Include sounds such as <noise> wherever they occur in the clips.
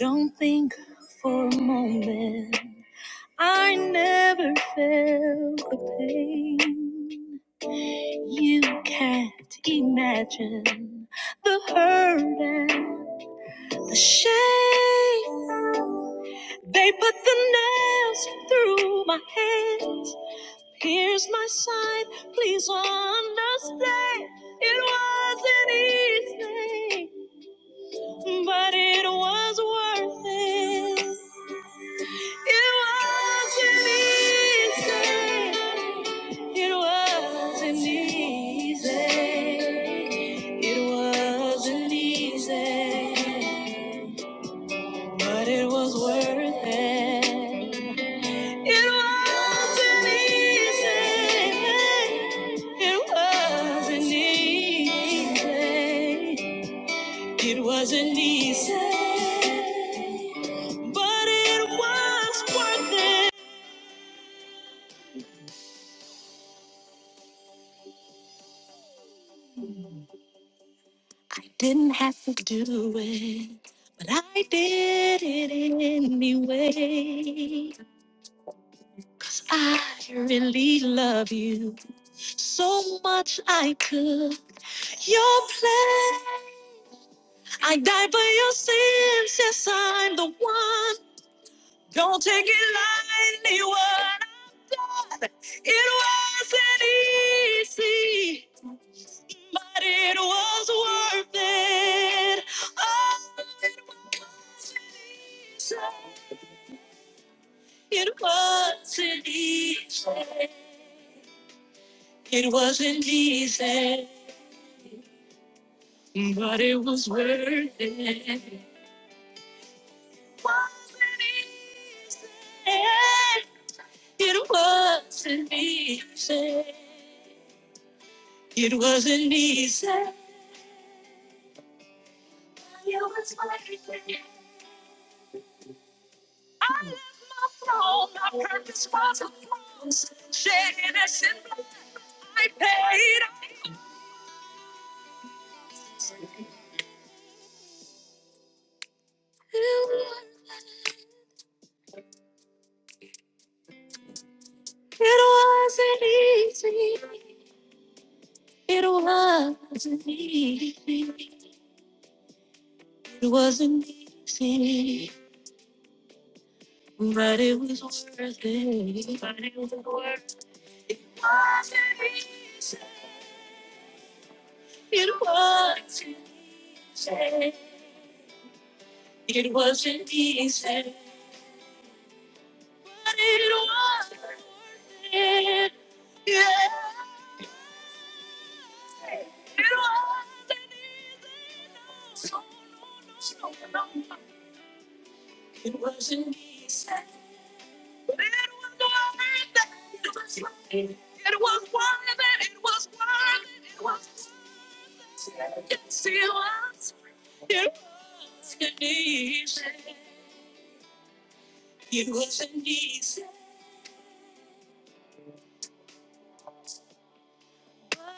Don't think for a moment I never felt the pain. You can't imagine the hurt and the shame. They put the nails through my hands, pierced my side. Please understand, it wasn't easy. But it was worth it. It wasn't easy. It wasn't easy. It wasn't easy. But it was worth it. It wasn't easy. It wasn't easy. It wasn't easy, but it was worth it. I didn't have to do it, but I did it anyway. 'Cause I really love you so much I could. Your plan, I died for your sins. Yes, I'm the one. Don't take it lightly what I've done. It wasn't easy, but it was worth it. Oh, it wasn't easy. It wasn't easy. It wasn't easy, but it was worth it. Wasn't easy. It wasn't easy. It wasn't easy. I left my throne, my purpose was a cross. Shedding a symbol I paid. It wasn't easy. It wasn't easy. It wasn't easy. But it was worth it. But it was worth it. It wasn't easy. It wasn't easy. It wasn't easy.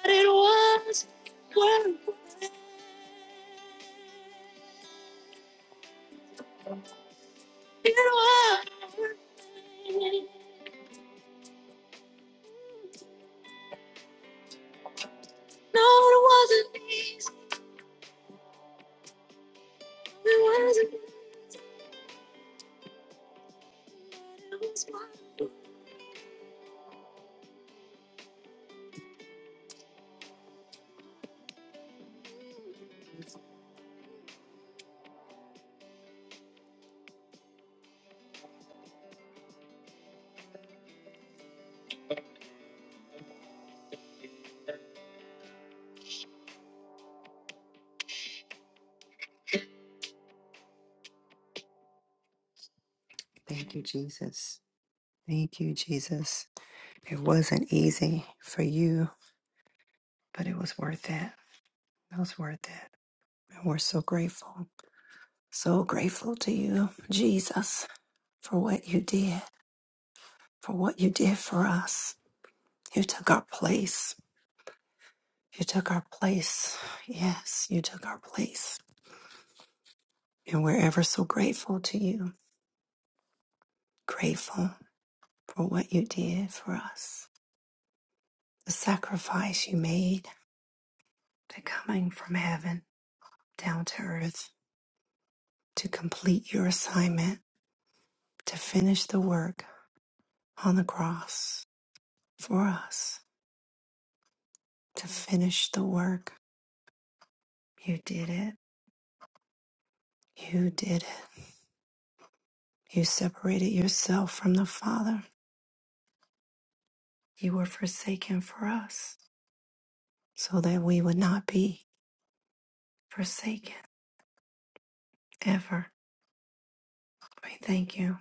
But it was worth it. It was worth it. No, it wasn't easy. It wasn't. It was worth it. Thank you, Jesus. Thank you, Jesus. It wasn't easy for you, but it was worth it. It was worth it. And we're so grateful, so grateful to you, Jesus, for what you did, for what you did for us. You took our place. You took our place. Yes, you took our place. And we're ever so grateful to you. Grateful for what you did for us. The sacrifice you made, the coming from heaven down to earth to complete your assignment, to finish the work on the cross for us, to finish the work. You did it. You did it. You separated yourself from the Father. You were forsaken for us so that we would not be. forsaken ever. We thank you.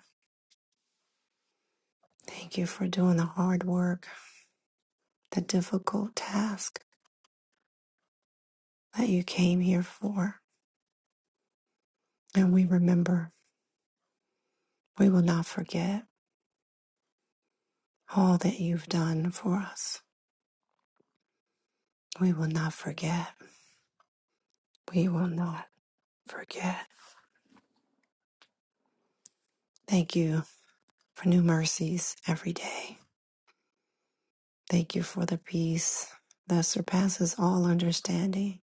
Thank you for doing the hard work, the difficult task that you came here for. And we remember, we will not forget all that you've done for us. We will not forget. We will not forget. Thank you for new mercies every day. Thank you for the peace that surpasses all understanding.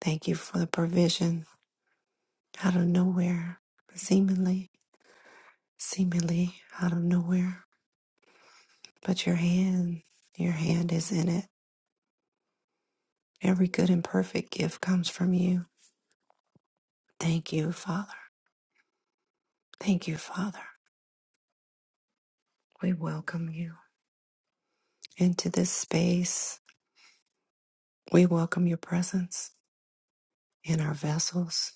Thank you for the provision out of nowhere, seemingly, seemingly out of nowhere. But your hand, your hand is in it. Every good and perfect gift comes from you. Thank you, Father. Thank you, Father. We welcome you into this space. We welcome your presence in our vessels.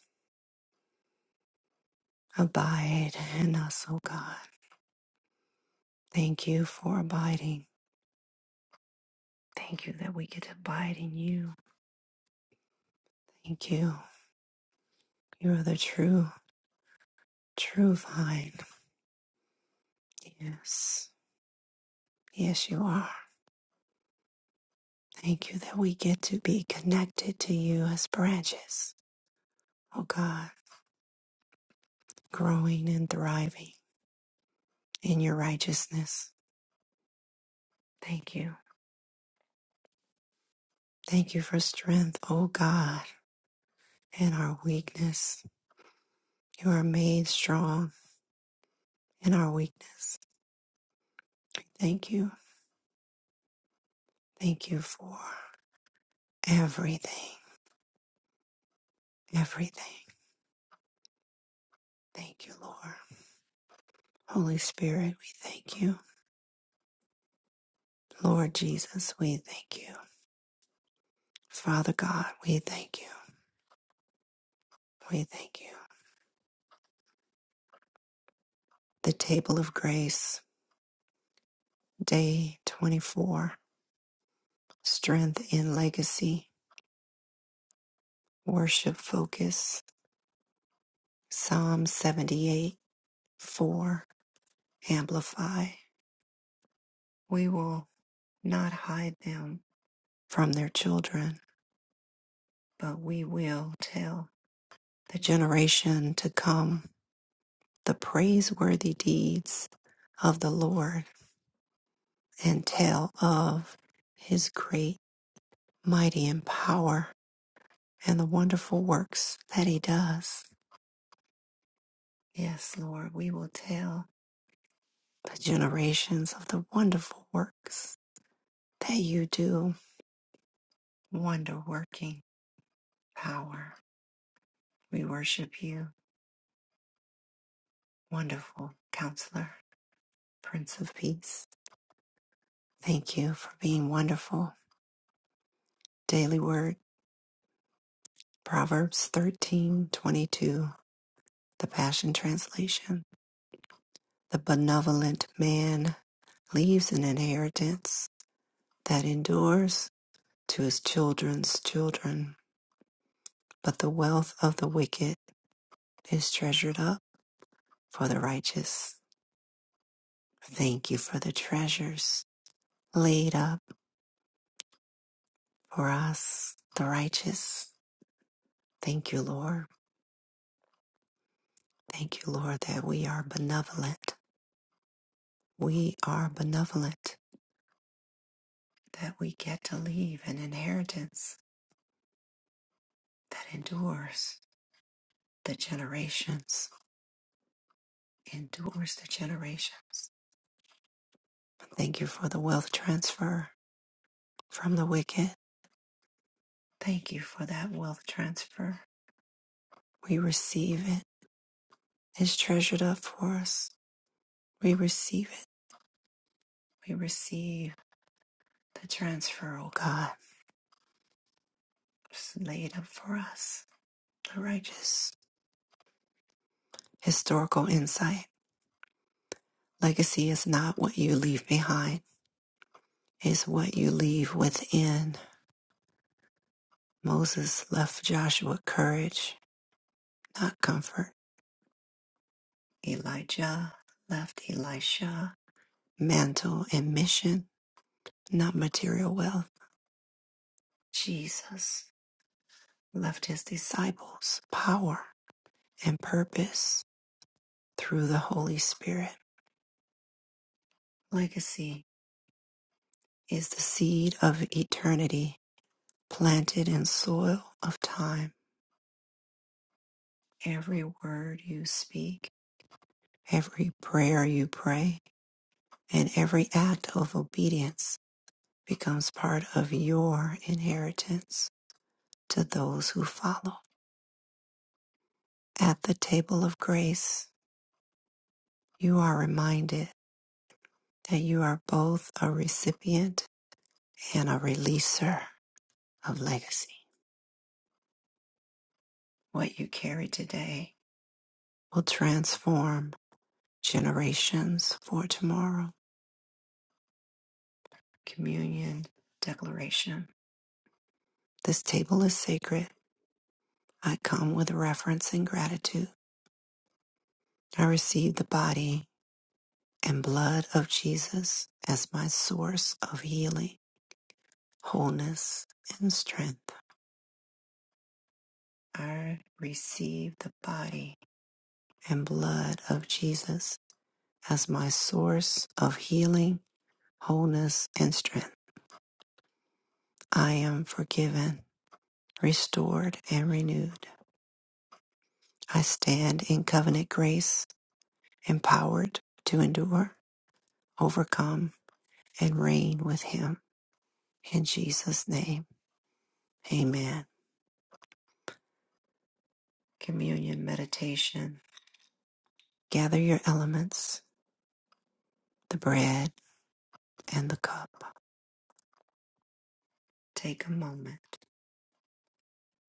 Abide in us, O God. Thank you for abiding. Thank you that we get to abide in you. Thank you. You are the true, true vine. Yes. Yes, you are. Thank you that we get to be connected to you as branches oh God, growing and thriving in your righteousness. Thank you. Thank you for strength, oh God, in our weakness. You are made strong in our weakness. Thank you. Thank you for everything, everything. Thank you, Lord. Holy Spirit, we thank you. Lord Jesus, we thank you. Father God, we thank you. We thank you. The table of grace, day 24, strength in legacy. Worship Focus, Psalm 78, 4, Amplify. We will not hide them from their children, but we will tell the generation to come the praiseworthy deeds of the Lord and tell of his great, mighty, and power and the wonderful works that he does. Yes, Lord, we will tell the generations of the wonderful works that you do wonder working power. We worship you, wonderful counselor, Prince of Peace. Thank you for being wonderful. Daily Word, Proverbs thirteen twenty-two, the Passion Translation. The benevolent man leaves an inheritance that endures to his children's children, but the wealth of the wicked is treasured up for the righteous. Thank you for the treasures laid up. for us, the righteous. Thank you, Lord. Thank you, Lord, that we are benevolent. We are benevolent, that we get to leave an inheritance that endures the generations, endures the generations. Thank you for the wealth transfer from the wicked. Thank you for that wealth transfer. We receive it. It's treasured up for us. We receive it. We receive the transfer, oh God, it's laid up for us The righteous historical insight. Legacy is not what you leave behind, it's what you leave within. Moses left Joshua courage, not comfort. Elijah left Elisha mantle and mission, not material wealth. Jesus left his disciples power and purpose through the Holy Spirit. Legacy is the seed of eternity planted in soil of time Every word you speak, every prayer you pray, and every act of obedience becomes part of your inheritance to those who follow. At the table of grace, you are reminded that you are both a recipient and a releaser of legacy. What you carry today will transform generations for tomorrow. Communion Declaration. This table is sacred I come with reverence and gratitude. I receive the body and blood of Jesus as my source of healing, wholeness, and strength. I receive the body and blood of Jesus as my source of healing, wholeness, and strength. I am forgiven, restored, and renewed. I stand in covenant grace, empowered to endure, overcome, and reign with Him. In Jesus' name, amen. Communion meditation. Gather your elements, the bread and the cup. Take a moment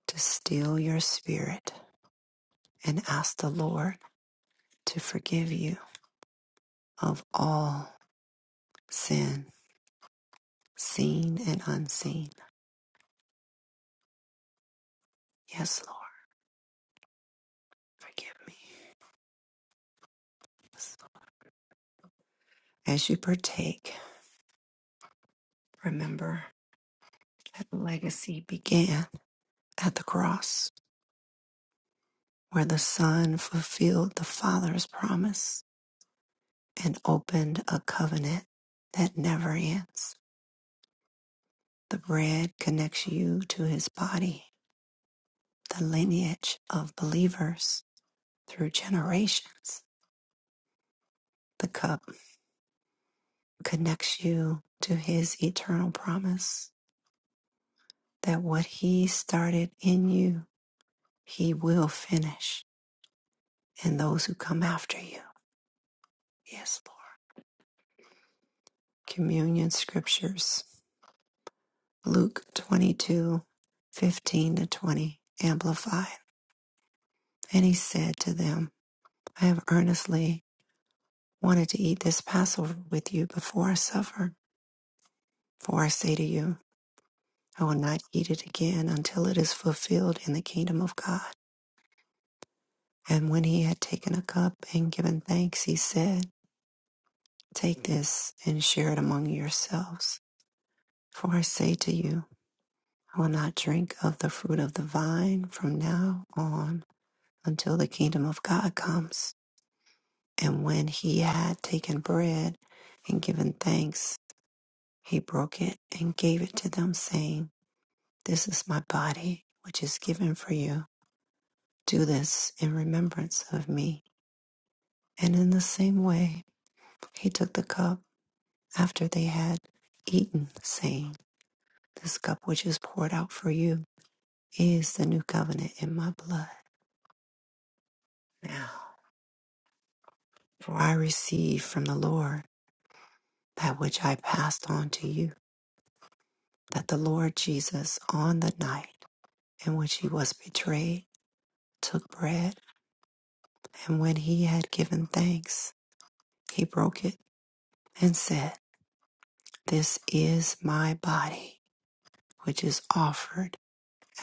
to still your spirit and ask the Lord to forgive you of all sin, seen and unseen. Yes, Lord, forgive me. As you partake, remember that legacy began at the cross, where the Son fulfilled the Father's promise and opened a covenant that never ends. The bread connects you to his body, the lineage of believers through generations. The cup connects you to his eternal promise that what he started in you, he will finish in those who come after you. Yes, Lord. Communion scriptures, Luke 22, 15 to 20, amplified. And he said to them, I have earnestly wanted to eat this Passover with you before I suffer. For I say to you, I will not eat it again until it is fulfilled in the kingdom of God. And when he had taken a cup and given thanks, he said, Take this and share it among yourselves. For I say to you, I will not drink of the fruit of the vine from now on until the kingdom of God comes. And when he had taken bread and given thanks, He broke it and gave it to them, saying, This is my body, which is given for you. Do this in remembrance of me. And in the same way, he took the cup after they had eaten, saying, This cup which is poured out for you is the new covenant in my blood. Now, for I received from the Lord that which I passed on to you, that the Lord Jesus, on the night in which he was betrayed, took bread. And when he had given thanks, he broke it and said, This is my body, which is offered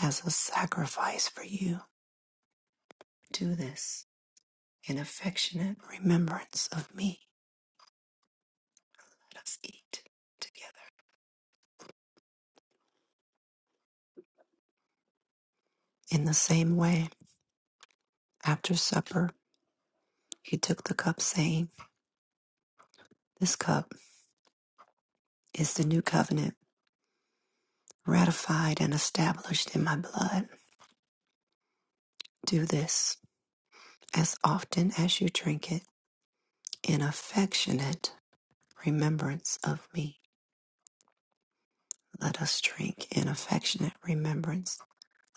as a sacrifice for you. Do this in affectionate remembrance of me. Let us eat together. In the same way, after supper, he took the cup, saying, This cup is the new covenant, ratified and established in my blood. Do this as often as you drink it in affectionate remembrance of me. Let us drink in affectionate remembrance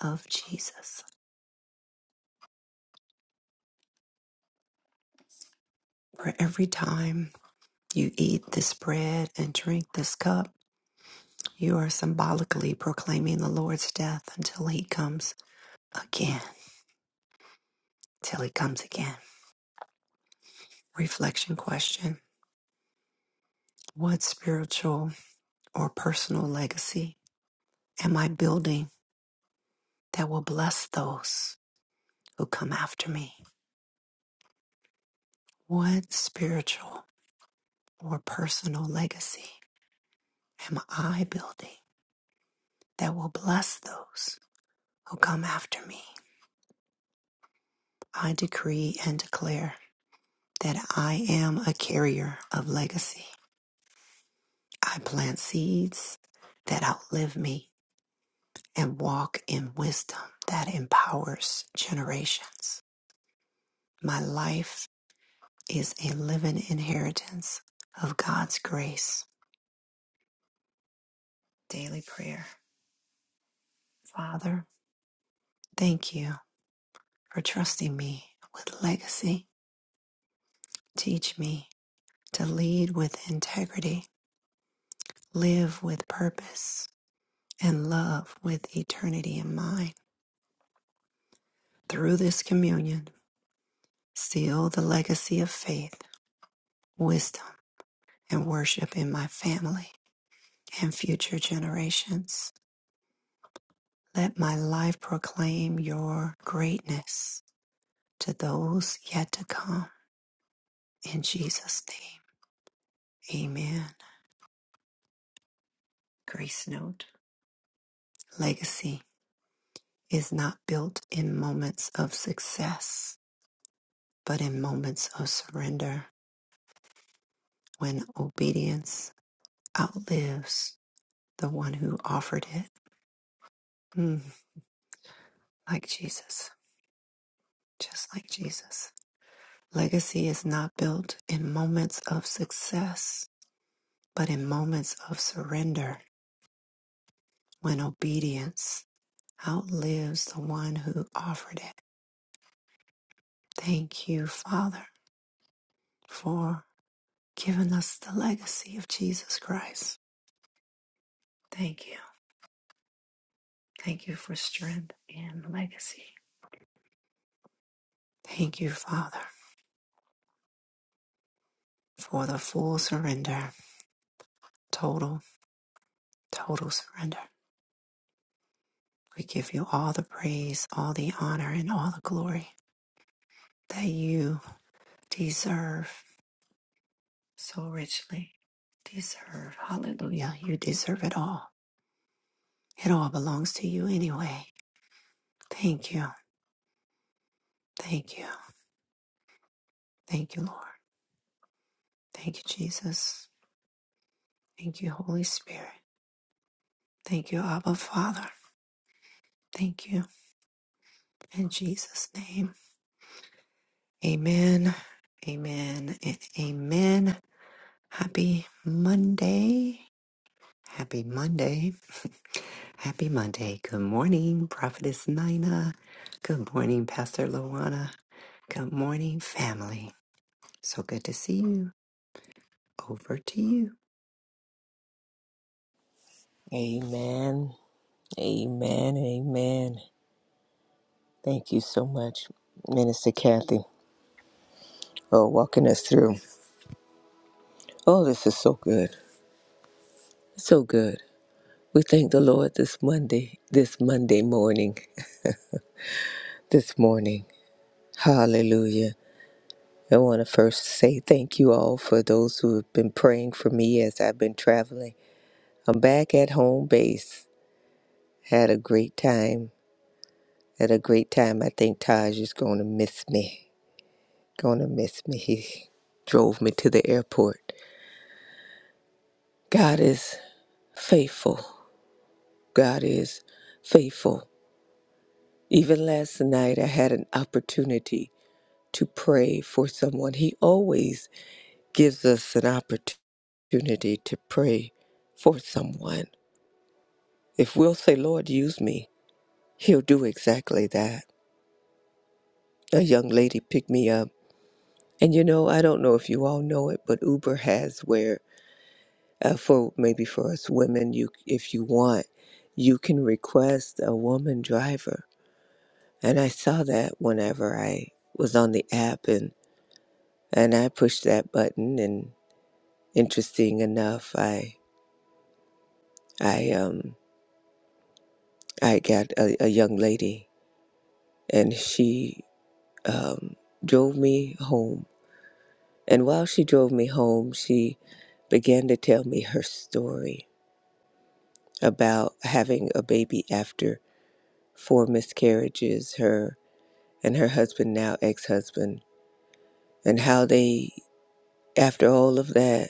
of Jesus. For every time you eat this bread and drink this cup, you are symbolically proclaiming the Lord's death until he comes again. Till he comes again. Reflection question What spiritual or personal legacy am I building that will bless those who come after me? What spiritual or personal legacy am I building that will bless those who come after me? I decree and declare that I am a carrier of legacy. I plant seeds that outlive me and walk in wisdom that empowers generations. My life is a living inheritance of God's grace. Daily prayer. Father, thank you for trusting me with legacy. Teach me to lead with integrity, live with purpose, and love with eternity in mind. Through this communion, seal the legacy of faith, wisdom, and worship in my family and future generations. Let my life proclaim your greatness to those yet to come. In Jesus' name, amen. Grace note Legacy is not built in moments of success But in moments of surrender, when obedience outlives the one who offered it, mm, like Jesus, just like Jesus. Legacy is not built in moments of success, but in moments of surrender, when obedience outlives the one who offered it. Thank you, Father, for giving us the legacy of Jesus Christ. Thank you. Thank you for strength and legacy. Thank you, Father. for the full surrender, total, total surrender. We give you all the praise, all the honor, and all the glory that you deserve so richly. Deserve. Hallelujah. You deserve it all. It all belongs to you anyway. Thank you. Thank you. Thank you, Lord. Thank you, Jesus. Thank you, Holy Spirit. Thank you, Abba Father. Thank you. In Jesus' name. Amen. Amen and amen. Happy Monday. Happy Monday. <laughs> Happy Monday. Good morning, Prophetess Nina. Good morning, Pastor Luana. Good morning, family. So good to see you. Over to you. Amen. Amen. Amen. Thank you so much, Minister Kathy, for walking us through. Oh, this is so good. So good. We thank the Lord this Monday, this Monday morning, this morning. Hallelujah. I want to first say thank you all for those who have been praying for me as I've been traveling. I'm back at home base. Had a great time. Had a great time. I think Taj is going to miss me. gonna miss me. He drove me to the airport. God is faithful. God is faithful. Even last night, I had an opportunity to pray for someone. He always gives us an opportunity to pray for someone. If we'll say, Lord, use me, He'll do exactly that. A young lady picked me up. And you know, I don't know if you all know it, but Uber has where uh, for maybe for us women you if you want you can request a woman driver and i saw that whenever i was on the app and and i pushed that button and interesting enough i i um i got a, a young lady and she um drove me home and while she drove me home she began to tell me her story about having a baby after four miscarriages her and her husband, now ex husband, and how they, after all of that,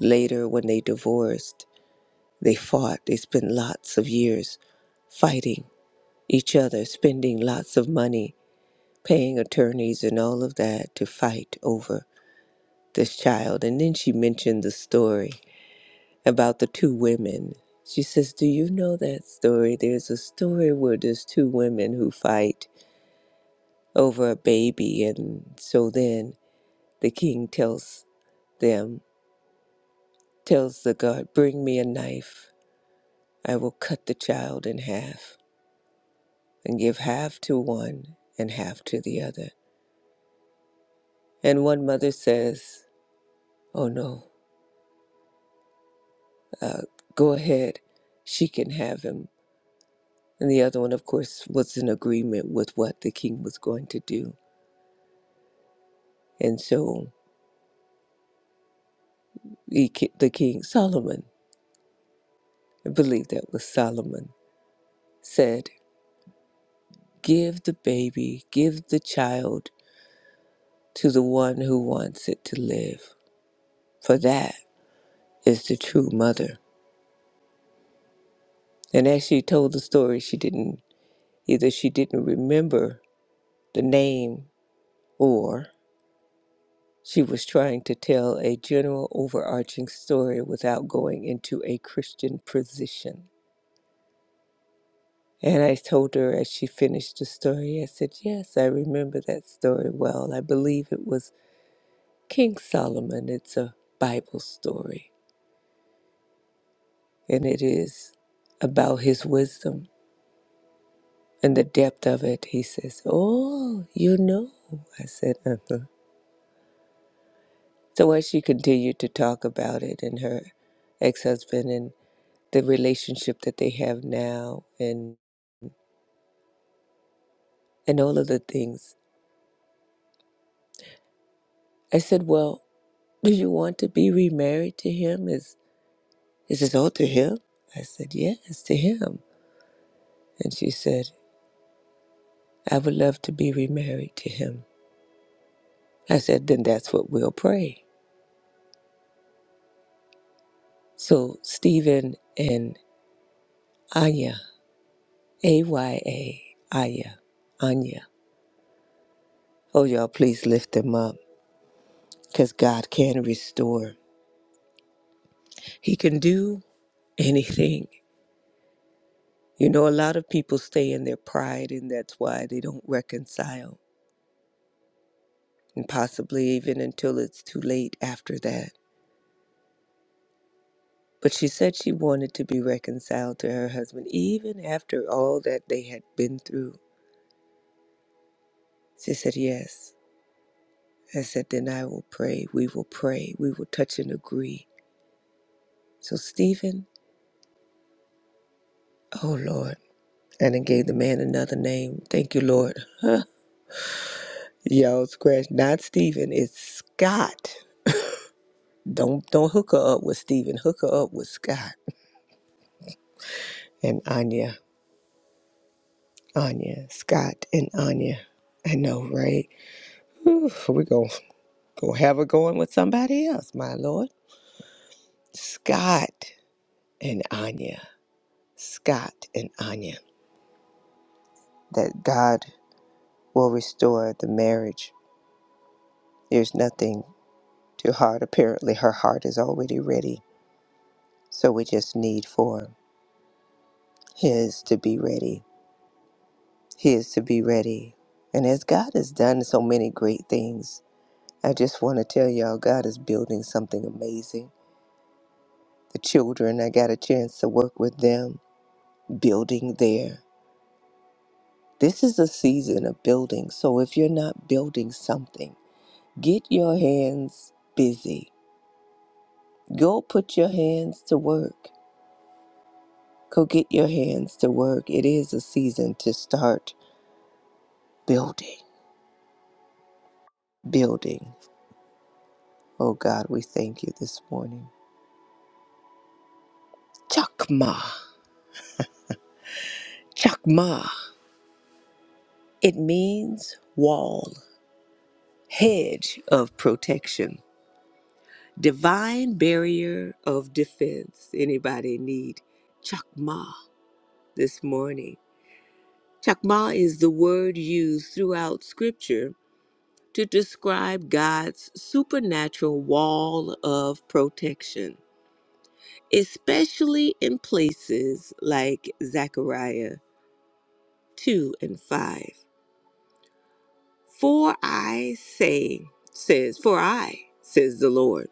later when they divorced, they fought. They spent lots of years fighting each other, spending lots of money, paying attorneys and all of that to fight over this child. And then she mentioned the story about the two women. She says, Do you know that story? There's a story where there's two women who fight over a baby. And so then the king tells them tells the god, Bring me a knife. I will cut the child in half and give half to one and half to the other. And one mother says, Oh no, uh, go ahead. She can have him. And the other one, of course, was in agreement with what the king was going to do. And so the, ki- the king, Solomon, I believe that was Solomon, said, Give the baby, give the child to the one who wants it to live. For that is the true mother. And as she told the story, she didn't either she didn't remember the name or she was trying to tell a general overarching story without going into a Christian position. And I told her as she finished the story, I said, Yes, I remember that story well. I believe it was King Solomon. It's a Bible story, and it is about his wisdom. And the depth of it, he says, Oh, you know. I said, Uh huh. So as she continued to talk about it and her ex husband and the relationship that they have now and and all of the things, I said, Well, do you want to be remarried to him? Is is this all to him? I said, Yes, to him. And she said, I would love to be remarried to him. I said, Then that's what we'll pray. So Stephen and Anya AYA, Aya, Anya. Oh, y'all, please lift them up because God can restore. He can do anything. You know, a lot of people stay in their pride, and that's why they don't reconcile, and possibly even until it's too late after that. But she said she wanted to be reconciled to her husband, even after all that they had been through. She said, Yes. I said, Then I will pray. We will pray. We will touch and agree. So, Stephen, oh Lord. And it gave the man another name. Thank you, Lord. Huh. Y'all scratch. Not Stephen. It's Scott. Don't don't hook her up with Stephen. Hook her up with Scott and Anya. Anya. Scott and Anya. I know, right? Whew, we gonna go have her going with somebody else, my Lord. Scott and Anya. Scott and Anya. That God will restore the marriage. There's nothing too hard. Apparently her heart is already ready. So we just need for. He is to be ready. He is to be ready. And as God has done so many great things, I just want to tell y'all God is building something amazing. The children, I got a chance to work with them, building there. This is a season of building. So if you're not building something, get your hands busy. Go put your hands to work. Go get your hands to work. It is a season to start building, building. Oh God, we thank you this morning. Chakma. Chakma. It means wall, hedge of protection, divine barrier of defense. Anybody need chakma this morning? Chakma is the word used throughout scripture to describe God's supernatural wall of protection, especially in places like Zechariah 2 and 5. For I say, says, for I, says the Lord,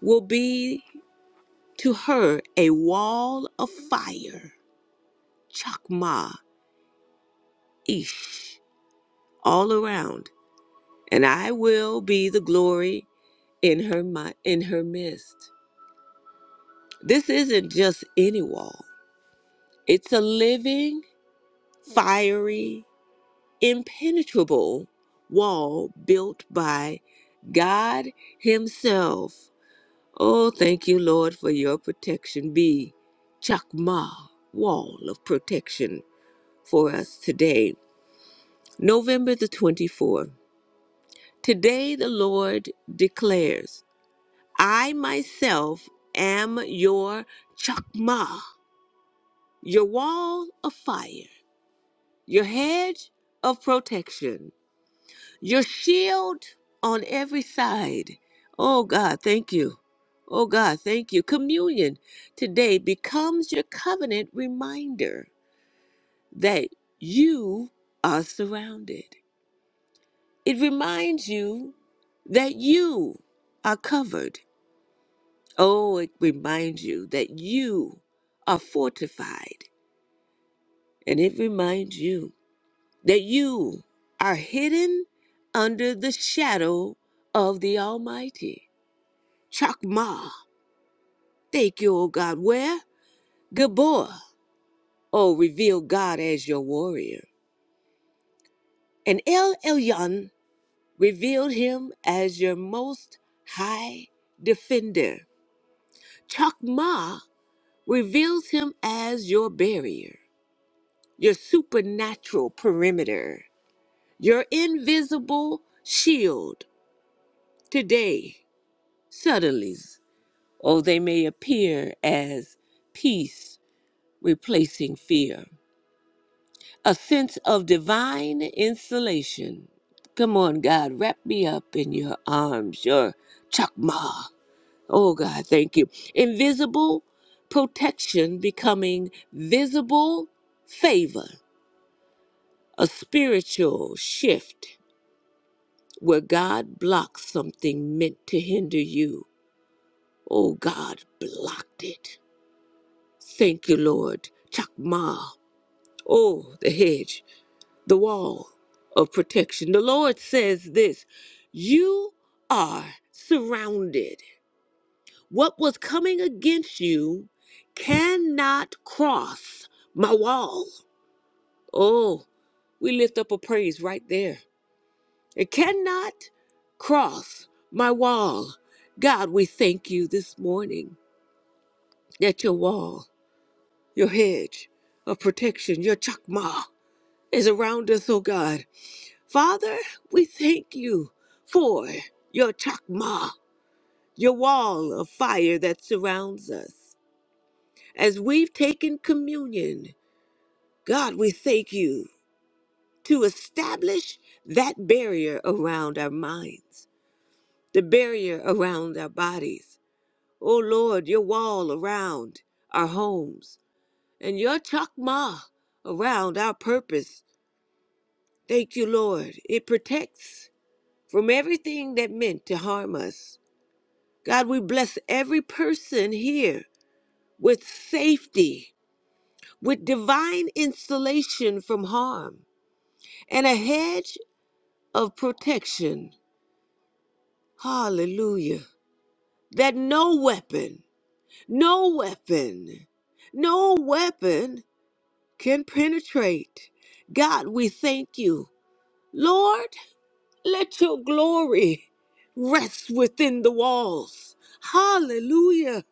will be to her a wall of fire, chakma, ish, all around, and I will be the glory in her mi- in her midst. This isn't just any wall; it's a living, fiery, impenetrable wall built by God Himself Oh, thank you, Lord, for your protection. Be Chakma, wall of protection for us today. November the 24th. Today the Lord declares, I myself am your Chakma, your wall of fire, your hedge of protection. Your shield on every side. Oh God, thank you. Oh God, thank you. Communion today becomes your covenant reminder that you are surrounded. It reminds you that you are covered. Oh, it reminds you that you are fortified. And it reminds you that you are hidden under the shadow of the Almighty. Chakma. Thank you, O God. Where? Gabor. O, reveal God as your warrior. And El Elyon revealed him as your most high defender. Chakma reveals him as your barrier, your supernatural perimeter, your invisible shield. Today, suddenly, oh, they may appear as peace replacing fear a sense of divine insulation. Come on, God, wrap me up in your arms, your chakma. Oh, God, thank you. Invisible protection becoming visible favor, a spiritual shift where God blocks something meant to hinder you. Oh, God blocked it. Thank you, Lord. Chakma. Oh, the hedge. the wall of protection. The Lord says this You are surrounded. What was coming against you cannot cross my wall. Oh, we lift up a praise right there. It cannot cross my wall. God, we thank you this morning that your wall, your hedge of protection, your chakma is around us, oh God. Father, we thank you for your chakma, your wall of fire that surrounds us. As we've taken communion, God, we thank you to establish that barrier around our minds, the barrier around our bodies. Oh Lord, your wall around our homes and your chakma around our purpose. Thank you, Lord. It protects from everything that meant to harm us. God, we bless every person here with safety, with divine insulation from harm, and a hedge of protection. Hallelujah. That no weapon, no weapon, no weapon can penetrate. God, we thank you. Lord, let your glory rest within the walls. Hallelujah.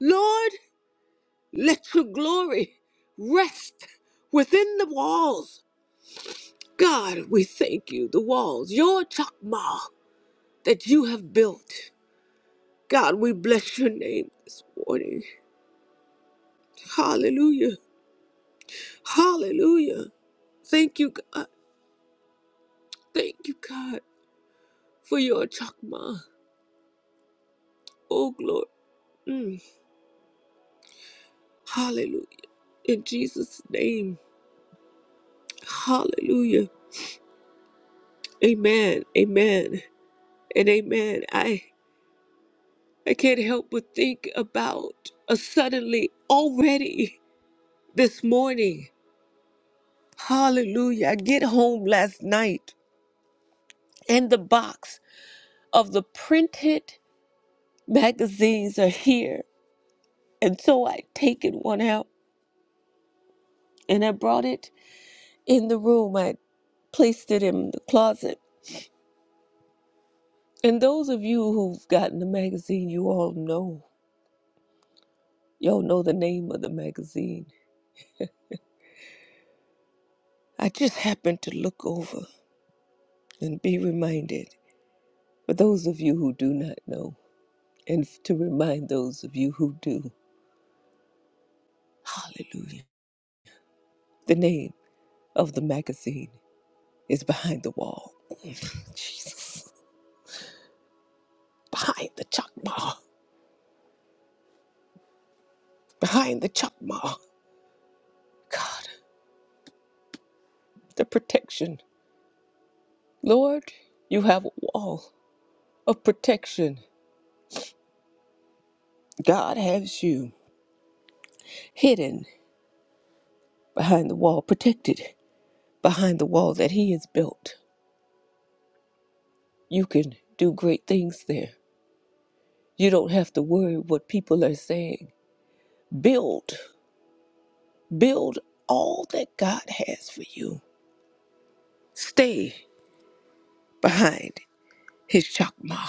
Lord, Let your glory rest within the walls. God, we thank you, the walls, your chakma that you have built. God, we bless your name this morning. Hallelujah. Hallelujah. Thank you, God. Thank you, God, for your chakma. Oh, glory. Mm. Hallelujah. In Jesus' name. Hallelujah. Amen. Amen. And amen. I I can't help but think about a suddenly already this morning. Hallelujah. I get home last night and the box of the printed magazines are here. And so I taken one out and I brought it in the room. I placed it in the closet. And those of you who've gotten the magazine, you all know. Y'all know the name of the magazine. I just happened to look over and be reminded. For those of you who do not know, and to remind those of you who do, hallelujah. The name of the magazine is Behind the Wall. <laughs> Jesus. Behind the chakma. Behind the chakma. God, the protection. Lord, you have a wall of protection. God has you hidden behind the wall, protected behind the wall that He has built. You can do great things there. You don't have to worry what people are saying Build, build all that God has for you. Stay behind his chakma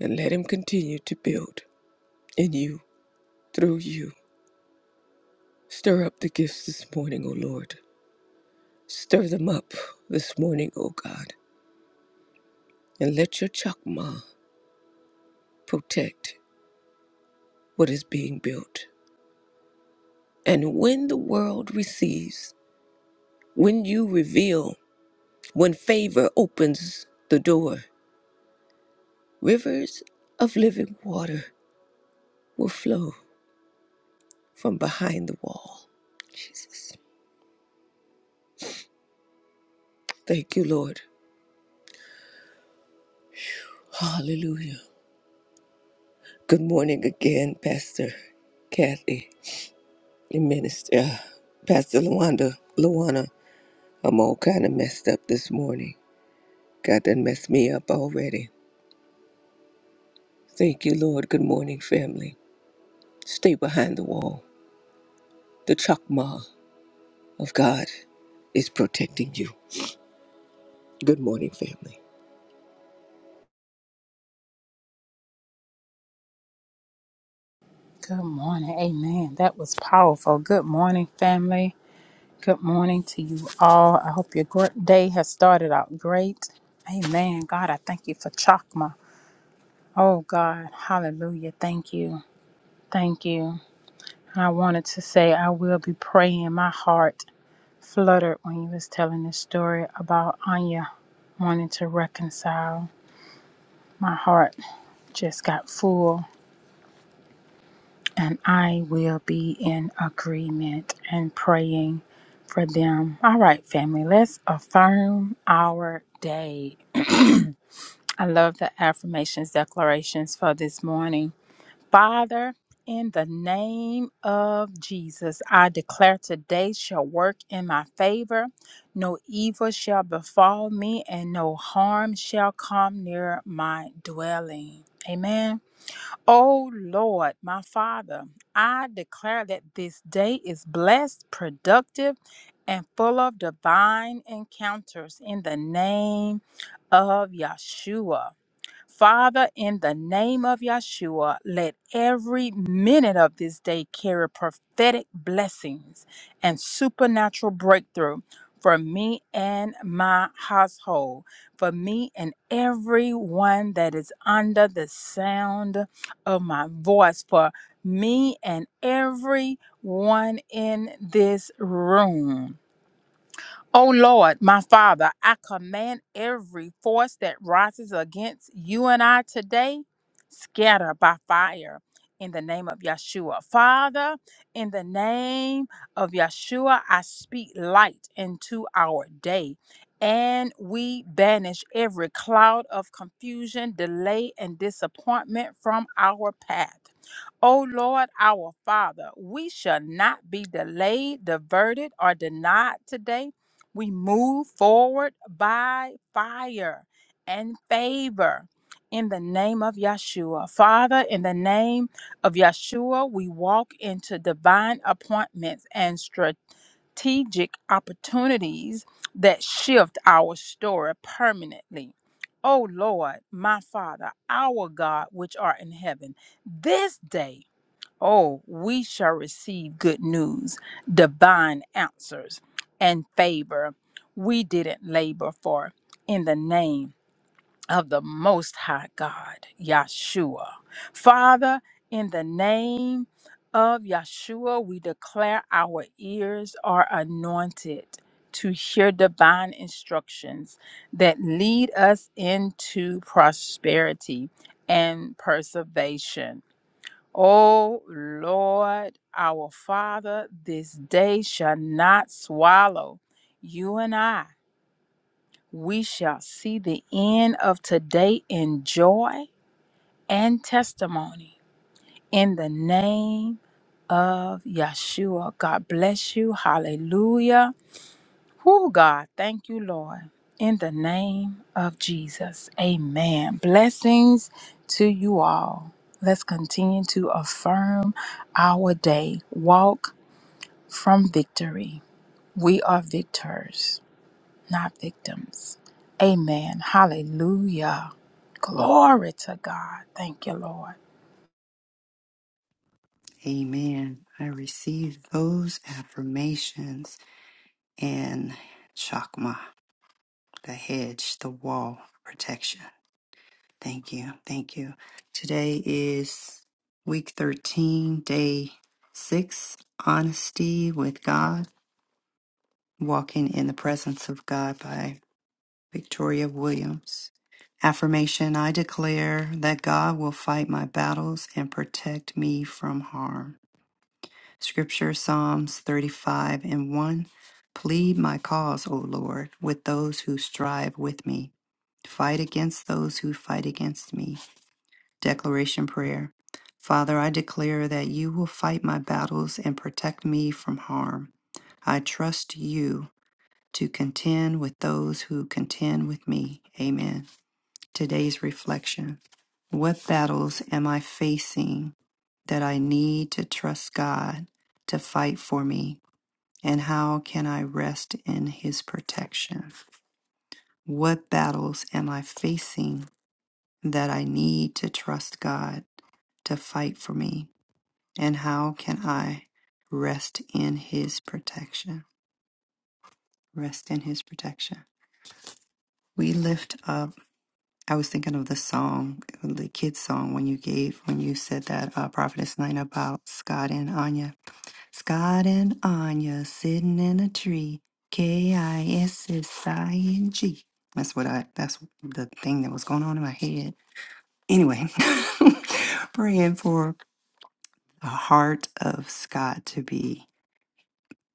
and let him continue to build in you, through you. Stir up the gifts this morning, O Lord. Stir them up this morning, O God, and let your chakma protect what is being built. And when the world receives, when you reveal, when favor opens the door, rivers of living water will flow from behind the wall. Jesus. Thank you, Lord. Hallelujah. Good morning again, Pastor Kathy and Minister uh, Pastor Luanda. Luana, I'm all kind of messed up this morning. God done messed me up already. Thank you, Lord. Good morning, family. Stay behind the wall. The chakma of God is protecting you. Good morning, family. Good morning. Amen. That was powerful. Good morning, family. Good morning to you all. I hope your great day has started out great. Amen. God, I thank you for Chakma. Oh, God. Hallelujah. Thank you. Thank you. I wanted to say I will be praying. My heart fluttered when you was telling this story about Anya wanting to reconcile. My heart just got full and I will be in agreement and praying for them. All right, family, let's affirm our day. I love the affirmations declarations for this morning. Father, in the name of Jesus, I declare today shall work in my favor. No evil shall befall me, and no harm shall come near my dwelling. Amen. Oh Lord, my Father, I declare that this day is blessed, productive, and full of divine encounters in the name of Yeshua. Father, in the name of Yeshua, let every minute of this day carry prophetic blessings and supernatural breakthrough for me and my household, for me and everyone that is under the sound of my voice, for me and everyone in this room. O Lord, my Father, I command every force that rises against you and I today, scatter by fire in the name of Yeshua. Father, in the name of Yeshua, I speak light into our day. And we banish every cloud of confusion, delay, and disappointment from our path. O Lord, our Father, we shall not be delayed, diverted, or denied today we move forward by fire and favor in the name of Yeshua. Father, in the name of Yeshua, we walk into divine appointments and strategic opportunities that shift our story permanently. O Lord, my Father, our God, which art in heaven, this day. Oh, we shall receive good news, divine answers, and favor we didn't labor for in the name of the Most High God, Yahshua. Father, in the name of Yahshua, we declare our ears are anointed to hear divine instructions that lead us into prosperity and preservation. O Lord, our Father, this day shall not swallow you and I. We shall see the end of today in joy and testimony. In the name of Yeshua, God bless you. Hallelujah. Oh God, thank you, Lord. In the name of Jesus. Amen. Blessings to you all. Let's continue to affirm our day. Walk from victory. We are victors, not victims. Amen. Hallelujah. Glory to God. Thank you, Lord. Amen. I received those affirmations and Chakma, the hedge, the wall protection. Thank you. Thank you. Today is week 13, day six Honesty with God, Walking in the Presence of God by Victoria Williams. Affirmation I declare that God will fight my battles and protect me from harm. Scripture Psalms 35 and 1. Plead my cause, O Lord, with those who strive with me. Fight against those who fight against me. Declaration Prayer. Father, I declare that you will fight my battles and protect me from harm. I trust you to contend with those who contend with me. Amen. Today's reflection What battles am I facing that I need to trust God to fight for me? And how can I rest in His protection? What battles am I facing that I need to trust God to fight for me? And how can I rest in his protection? Rest in his protection. We lift up. I was thinking of the song, the kids' song, when you gave, when you said that uh, prophetess line about Scott and Anya. Scott and Anya sitting in a tree. K I S S I N G. That's what I. That's the thing that was going on in my head. Anyway, <laughs> praying for the heart of Scott to be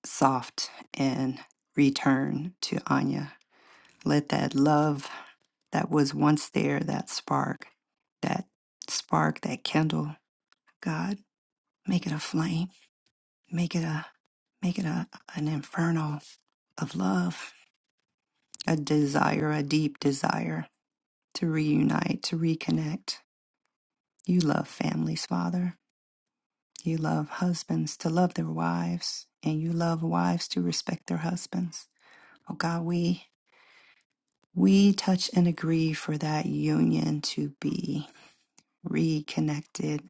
soft and return to Anya. Let that love that was once there, that spark, that spark, that kindle, God, make it a flame, make it a make it a an inferno of love, a desire, a deep desire to reunite, to reconnect. You love families, Father. You love husbands to love their wives, and you love wives to respect their husbands. Oh God, we We touch and agree for that union to be reconnected.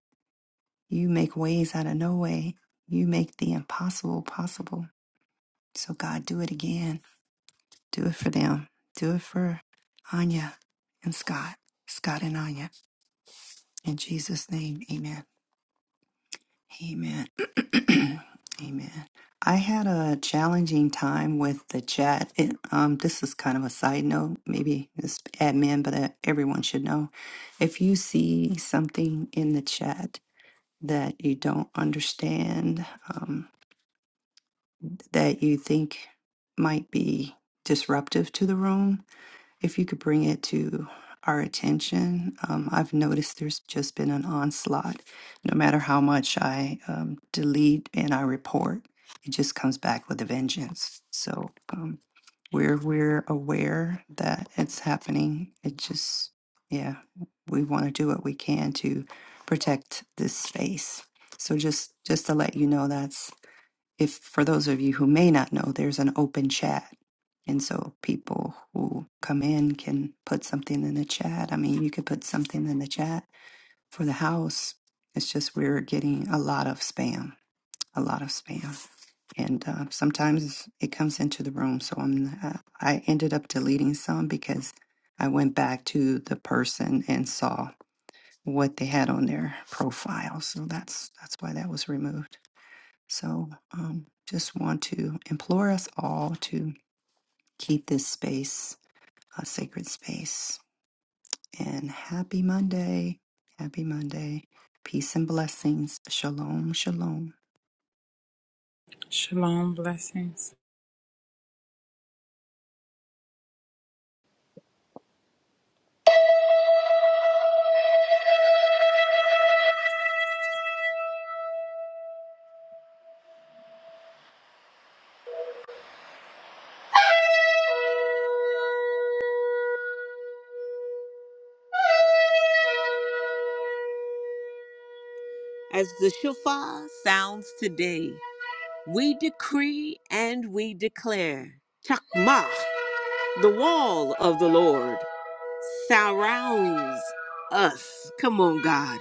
You make ways out of no way. You make the impossible possible. So, God, do it again. Do it for them. Do it for Anya and Scott, Scott and Anya. In Jesus' name, amen. Amen. <clears throat> Amen. I had a challenging time with the chat. It, um, this is kind of a side note, maybe it's admin, but uh, everyone should know. If you see something in the chat that you don't understand, um, that you think might be disruptive to the room, if you could bring it to our attention. Um, I've noticed there's just been an onslaught. No matter how much I um, delete and I report, it just comes back with a vengeance. So um, we're we're aware that it's happening. It just yeah, we want to do what we can to protect this space. So just just to let you know, that's if for those of you who may not know, there's an open chat. And so people who come in can put something in the chat. I mean, you could put something in the chat for the house. It's just we're getting a lot of spam, a lot of spam, and uh, sometimes it comes into the room. So I'm uh, I ended up deleting some because I went back to the person and saw what they had on their profile. So that's that's why that was removed. So um, just want to implore us all to keep this space a sacred space. And happy Monday. Happy Monday. Peace and blessings. Shalom, shalom. Shalom. Blessings. As the shofar sounds today, We decree and we declare Chakmah, the wall of the Lord, surrounds us. Come on, God.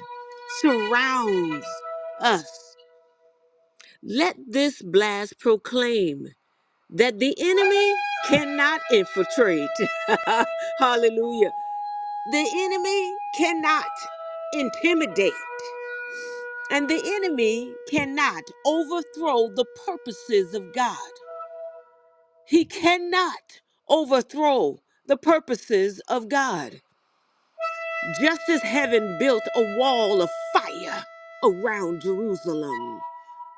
Surrounds us. Let this blast proclaim that the enemy cannot infiltrate. <laughs> Hallelujah. The enemy cannot intimidate, and the enemy cannot overthrow the purposes of God. He cannot overthrow the purposes of God. Just as heaven built a wall of fire around Jerusalem.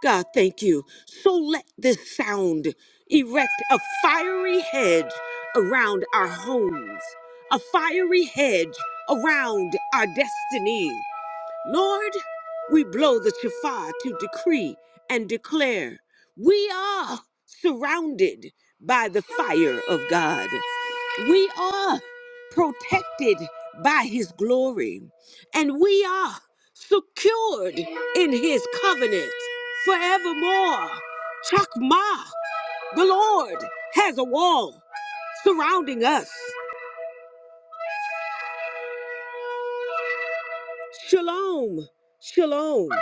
God, thank you. So let this sound erect a fiery hedge around our homes, a fiery hedge around our destiny, Lord, we blow the shofar to decree and declare we are surrounded by the fire of God. We are protected by his glory. And we are secured in his covenant forevermore. Chakma, the Lord has a wall surrounding us. Shalom, shalom.